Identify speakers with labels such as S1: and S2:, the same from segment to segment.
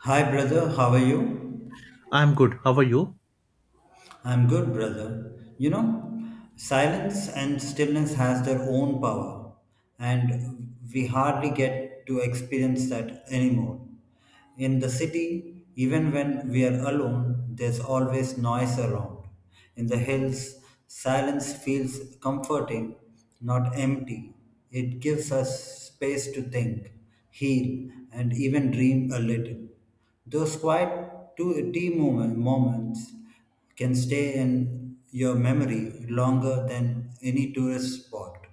S1: Hi, brother. How are you?
S2: I'm good. How are you?
S1: I'm good, brother. Silence and stillness has their own power, and we hardly get to experience that anymore. In the city, even when we are alone, there's always noise around. In the hills, silence feels comforting, not empty. It gives us space to think, heal, and even dream a little. Those quiet two tea moments can stay in your memory longer than any tourist spot.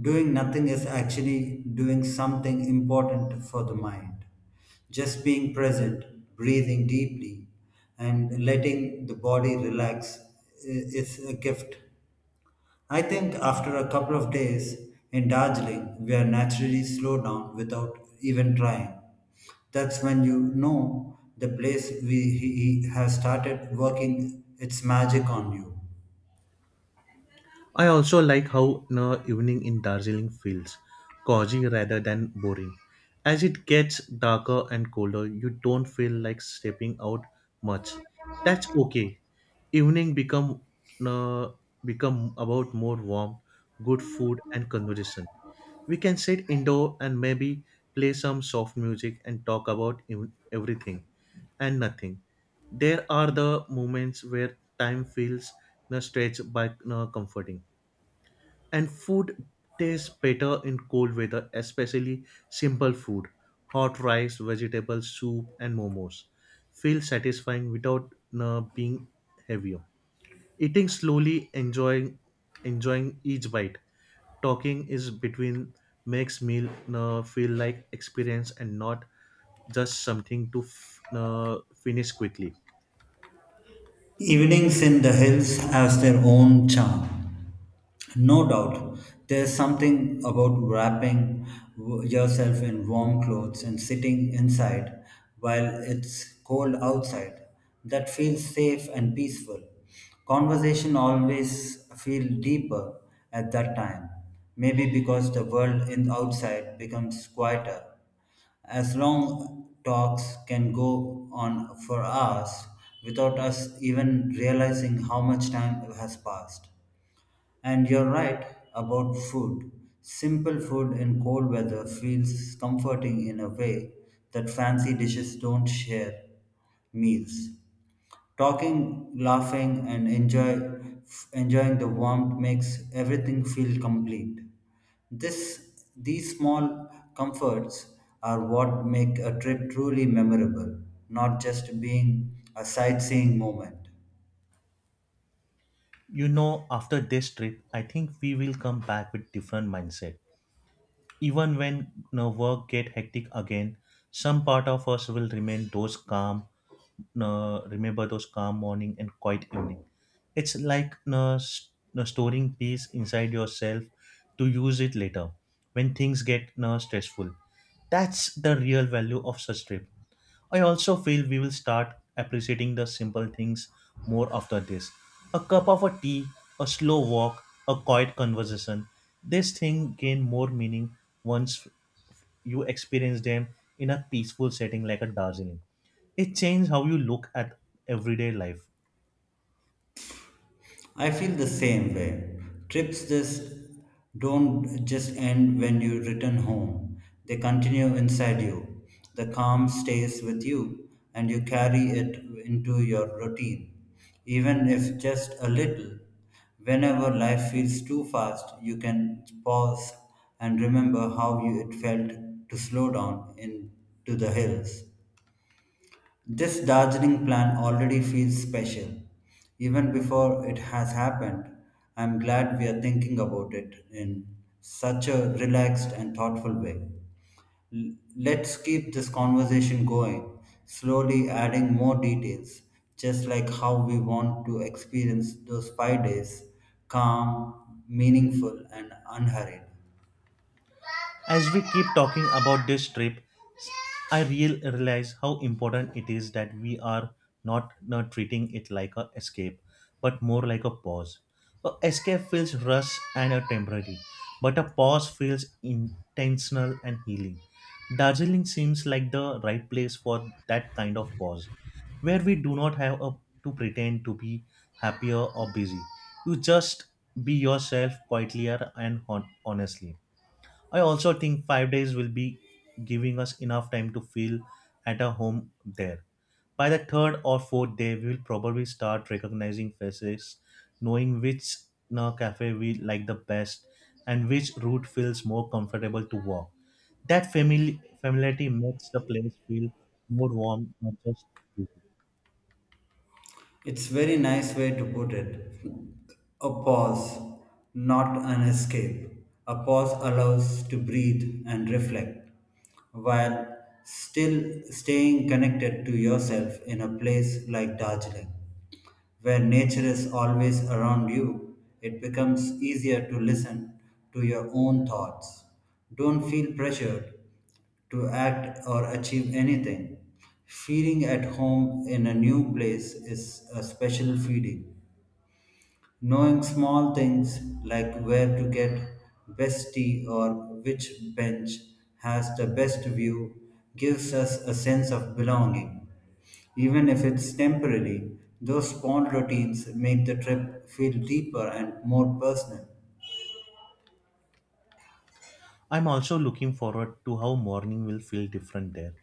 S1: Doing nothing is actually doing something important for the mind. Just being present, breathing deeply, and letting the body relax is a gift. I think after a couple of days in Darjeeling, we are naturally slowed down without even trying. That's when you know the place he has started working its magic on you.
S2: I also like how the evening in Darjeeling feels cozy rather than boring. As it gets darker and colder, you don't feel like stepping out much. That's okay. Evening become uh, become about more warm, good food and conversation. We can sit indoor and maybe play some soft music and talk about everything and nothing. There are the moments where time feels you stretched by you comforting. And food tastes better in cold weather, especially simple food. Hot rice, vegetable soup, and momos feel satisfying without being heavier. Eating slowly, enjoying each bite. Talking is between makes meal feel like experience and not just something to finish quickly.
S1: Evenings in the hills has their own charm. No doubt, there's something about wrapping yourself in warm clothes and sitting inside while it's cold outside that feels safe and peaceful. Conversation always feel deeper at that time, maybe because the world in outside becomes quieter as long talks can go on for hours without us even realizing how much time has passed. And you're right about food. Simple food in cold weather feels comforting in a way that fancy dishes don't share meals. Talking, laughing, and enjoying the warmth makes everything feel complete. These small comforts are what make a trip truly memorable, not just being a sightseeing moment.
S2: You know, after this trip, I think we will come back with different mindset even when you know, work get hectic again some part of us will remain those calm remember those calm morning and quiet evening. It's like storing peace inside yourself to use it later when things get stressful. That's the real value of such trip. I also feel we will start appreciating the simple things more after this. A cup of a tea, a slow walk, a quiet conversation. These things gain more meaning once you experience them in a peaceful setting like a Darjeeling. It changes how you look at everyday life.
S1: I feel the same way. Trips just don't just end when you return home. They continue inside you. The calm stays with you and you carry it into your routine, even if just a little. Whenever life feels too fast, you can pause and remember how it felt to slow down into the hills. This Darjeeling plan already feels special, even before it has happened. I'm glad we are thinking about it in such a relaxed and thoughtful way. Let's keep this conversation going, slowly adding more details, just like how we want to experience those 5 days calm, meaningful, and unhurried.
S2: As we keep talking about this trip, I realize how important it is that we are not treating it like a escape, but more like a pause. A escape feels rush and a temporary, but a pause feels intentional and healing. Darjeeling seems like the right place for that kind of pause, where we do not have a, to pretend to be happier or busy. You just be yourself quietly and honestly. I also think 5 days will be giving us enough time to feel at our home there. By the third or fourth day, we will probably start recognizing faces, knowing which you cafe we like the best and which route feels more comfortable to walk. That familiarity makes the place feel more warm, not just.
S1: It's very nice way to put it. A pause, not an escape. A pause allows to breathe and reflect while still staying connected to yourself in a place like Darjeeling, where nature is always around you. It becomes easier to listen to your own thoughts. Don't feel pressured to act or achieve anything. Feeling at home in a new place is a special feeling. Knowing small things like where to get best tea or which bench has the best view gives us a sense of belonging. Even if it's temporary, those small routines make the trip feel deeper and more personal.
S2: I'm also looking forward to how morning will feel different there.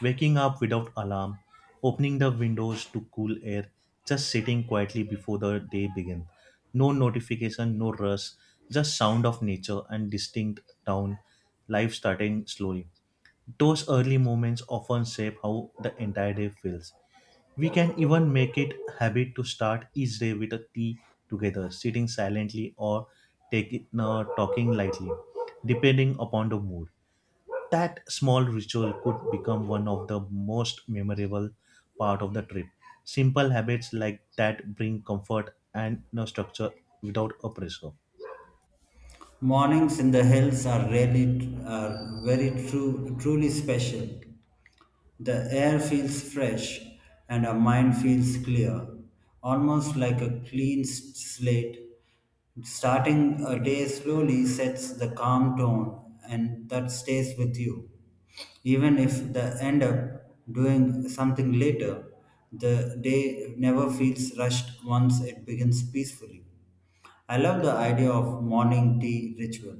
S2: Waking up without alarm, opening the windows to cool air, just sitting quietly before the day begins. No notification, no rush, just sound of nature and distinct town life starting slowly. Those early moments often shape how the entire day feels. We can even make it habit to start each day with a tea together, sitting silently or taking talking lightly, depending upon the mood. That small ritual could become one of the most memorable part of the trip. Simple habits like that bring comfort and no structure without a pressure.
S1: Mornings in the hills are very truly special. The air feels fresh and our mind feels clear, almost like a clean slate. Starting a day slowly sets the calm tone and that stays with you. Even if the end up doing something later, the day never feels rushed once it begins peacefully. I love the idea of morning tea ritual.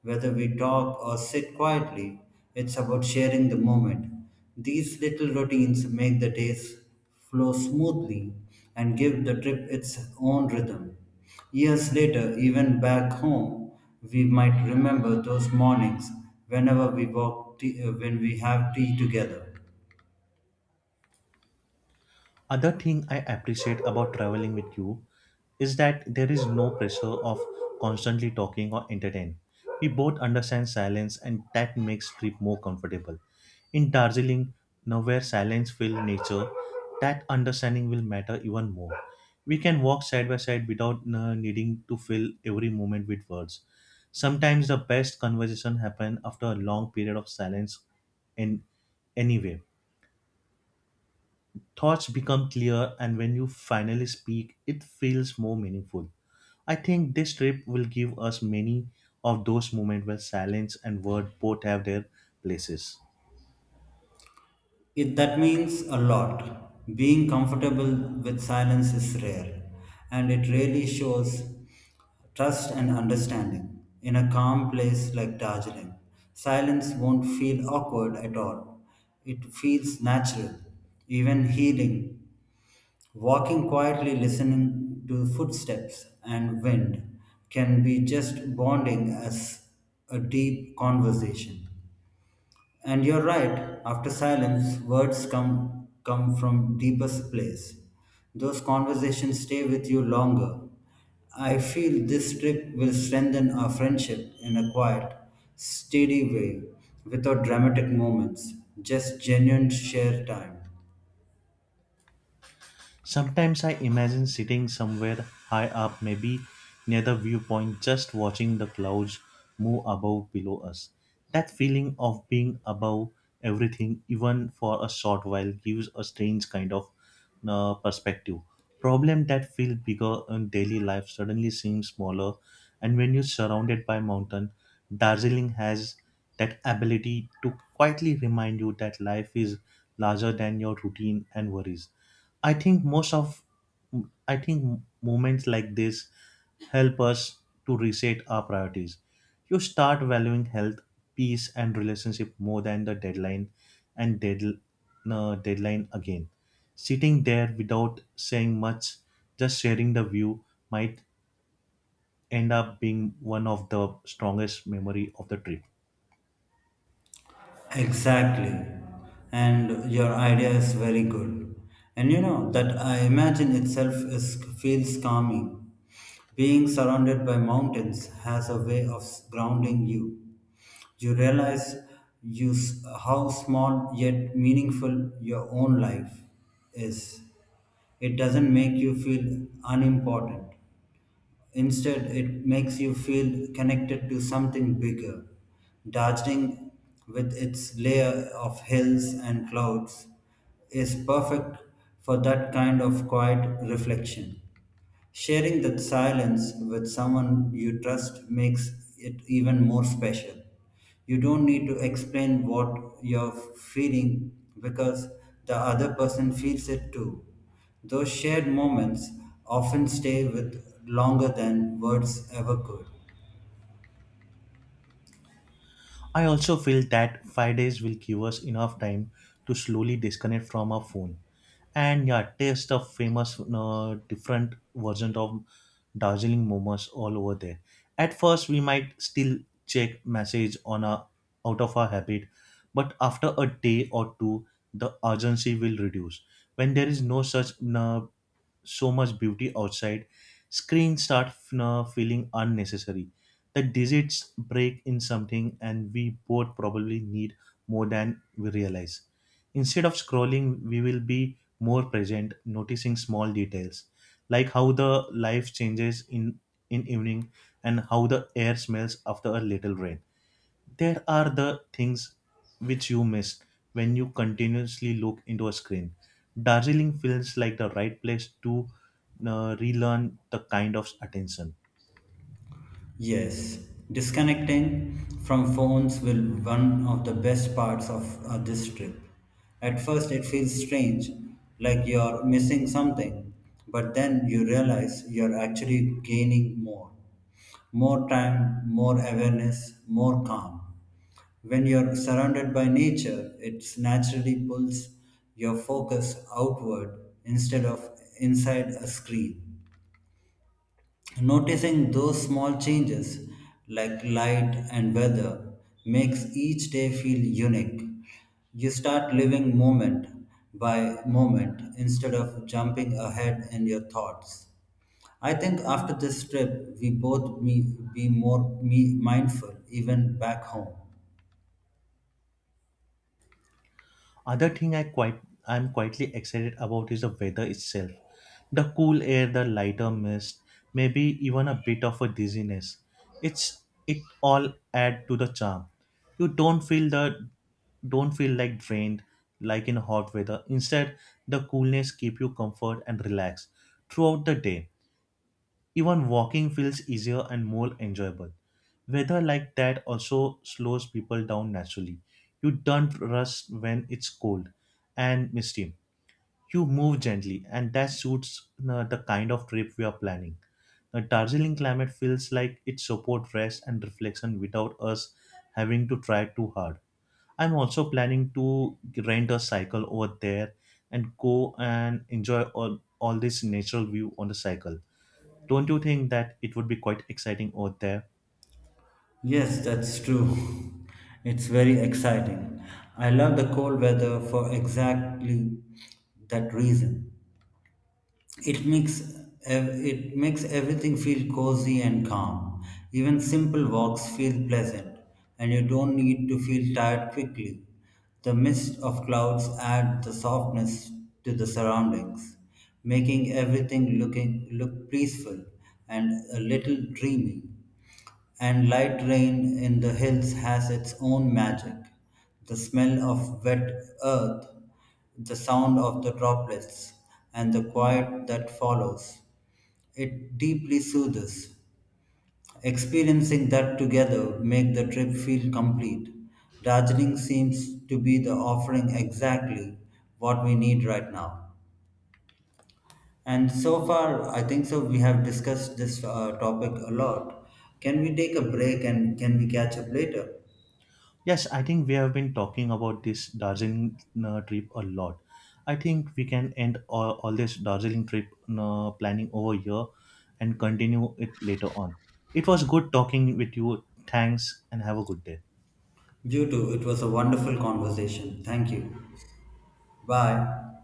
S1: Whether we talk or sit quietly, it's about sharing the moment. These little routines make the days flow smoothly and give the trip its own rhythm. Years later, even back home, we might remember those mornings whenever we when we have tea together.
S2: Other thing I appreciate about traveling with you is that there is no pressure of constantly talking or entertain. We both understand silence and that makes trip more comfortable. In Darjeeling, now where silence fills nature, that understanding will matter even more. We can walk side by side without needing to fill every moment with words. Sometimes the best conversation happen after a long period of silence in any way thoughts become clear, and when you finally speak, it feels more meaningful. I think this trip will give us many of those moments where silence and word both have their places.
S1: That means a lot. Being comfortable with silence is rare, and it really shows trust and understanding in a calm place like Darjeeling. Silence won't feel awkward at all. It feels natural, even healing. Walking quietly, listening to footsteps and wind can be just bonding as a deep conversation. And you're right, after silence, words come from deepest place. Those conversations stay with you longer. I feel this trip will strengthen our friendship in a quiet, steady way, without dramatic moments, just genuine share time.
S2: Sometimes I imagine sitting somewhere high up, maybe near the viewpoint, just watching the clouds move above below us. That feeling of being above everything, even for a short while, gives a strange kind of perspective. Problem that feel bigger in daily life suddenly seems smaller, and when you're surrounded by mountain, Darjeeling has that ability to quietly remind you that life is larger than your routine and worries. I think most of I think moments like this help us to reset our priorities. You start valuing health, peace, and relationship more than the deadline and deadline again. Sitting there without saying much, just sharing the view might end up being one of the strongest memory of the trip.
S1: Exactly. And your idea is very good. And you know that I imagine itself is feels calming. Being surrounded by mountains has a way of grounding you. You realize how small yet meaningful your own life is. It doesn't make you feel unimportant. Instead, it makes you feel connected to something bigger. Darjeeling, with its layer of hills and clouds, is perfect for that kind of quiet reflection. Sharing that silence with someone you trust makes it even more special. You don't need to explain what you're feeling because the other person feels it too. Those shared moments often stay with longer than words ever could.
S2: I also feel that 5 days will give us enough time to slowly disconnect from our phone and yeah, taste the famous different versions of Darjeeling momos all over there. At first, we might still check message on a out of our habit, but after a day or two, the urgency will reduce. When there is no such so much beauty outside, screens start feeling unnecessary. The digits break in something and we both probably need more than we realize. Instead of scrolling, we will be more present, noticing small details, like how the life changes in evening and how the air smells after a little rain. There are the things which you miss when you continuously look into a screen. Darjeeling feels like the right place to relearn the kind of attention.
S1: Yes, disconnecting from phones will one of the best parts of this trip. At first it feels strange, like you're missing something, but then you realize you're actually gaining more. More time, more awareness, more calm. When you're surrounded by nature, it naturally pulls your focus outward instead of inside a screen. Noticing those small changes, like light and weather, makes each day feel unique. You start living moment by moment instead of jumping ahead in your thoughts. I think after this trip, we both me, be more me mindful, even back home.
S2: Other thing I'm quietly excited about is the weather itself. The cool air, the lighter mist, maybe even a bit of a dizziness. It's it all add to the charm. You don't feel the Don't feel like drained like in hot weather. Instead, the coolness keep you comfort and relaxed throughout the day. Even walking feels easier and more enjoyable. Weather like that also slows people down naturally. You don't rush when it's cold and misty. You move gently, and that suits the kind of trip we are planning. The Darjeeling climate feels like it supports rest and reflection without us having to try too hard. I'm also planning to rent a cycle over there and go and enjoy all this natural view on the cycle. Don't you think that it would be quite exciting out there?
S1: Yes, that's true. It's very exciting. I love the cold weather for exactly that reason. It makes it makes everything feel cozy and calm. Even simple walks feel pleasant, and you don't need to feel tired quickly. The mist of clouds add the softness to the surroundings, making everything look peaceful and a little dreamy. And light rain in the hills has its own magic. The smell of wet earth the sound of the droplets, and the quiet that follows. It deeply soothes. Experiencing that together make the trip feel complete. Darjeeling seems to be the offering exactly what we need right now. And so far, I think so. We have discussed this topic a lot. Can we take a break and can we catch up later?
S2: Yes, I think we have been talking about this Darjeeling trip a lot. I think we can end all this Darjeeling trip planning over here and continue it later on. It was good talking with you. Thanks and have a good day.
S1: You too. It was a wonderful conversation. Thank you. Bye.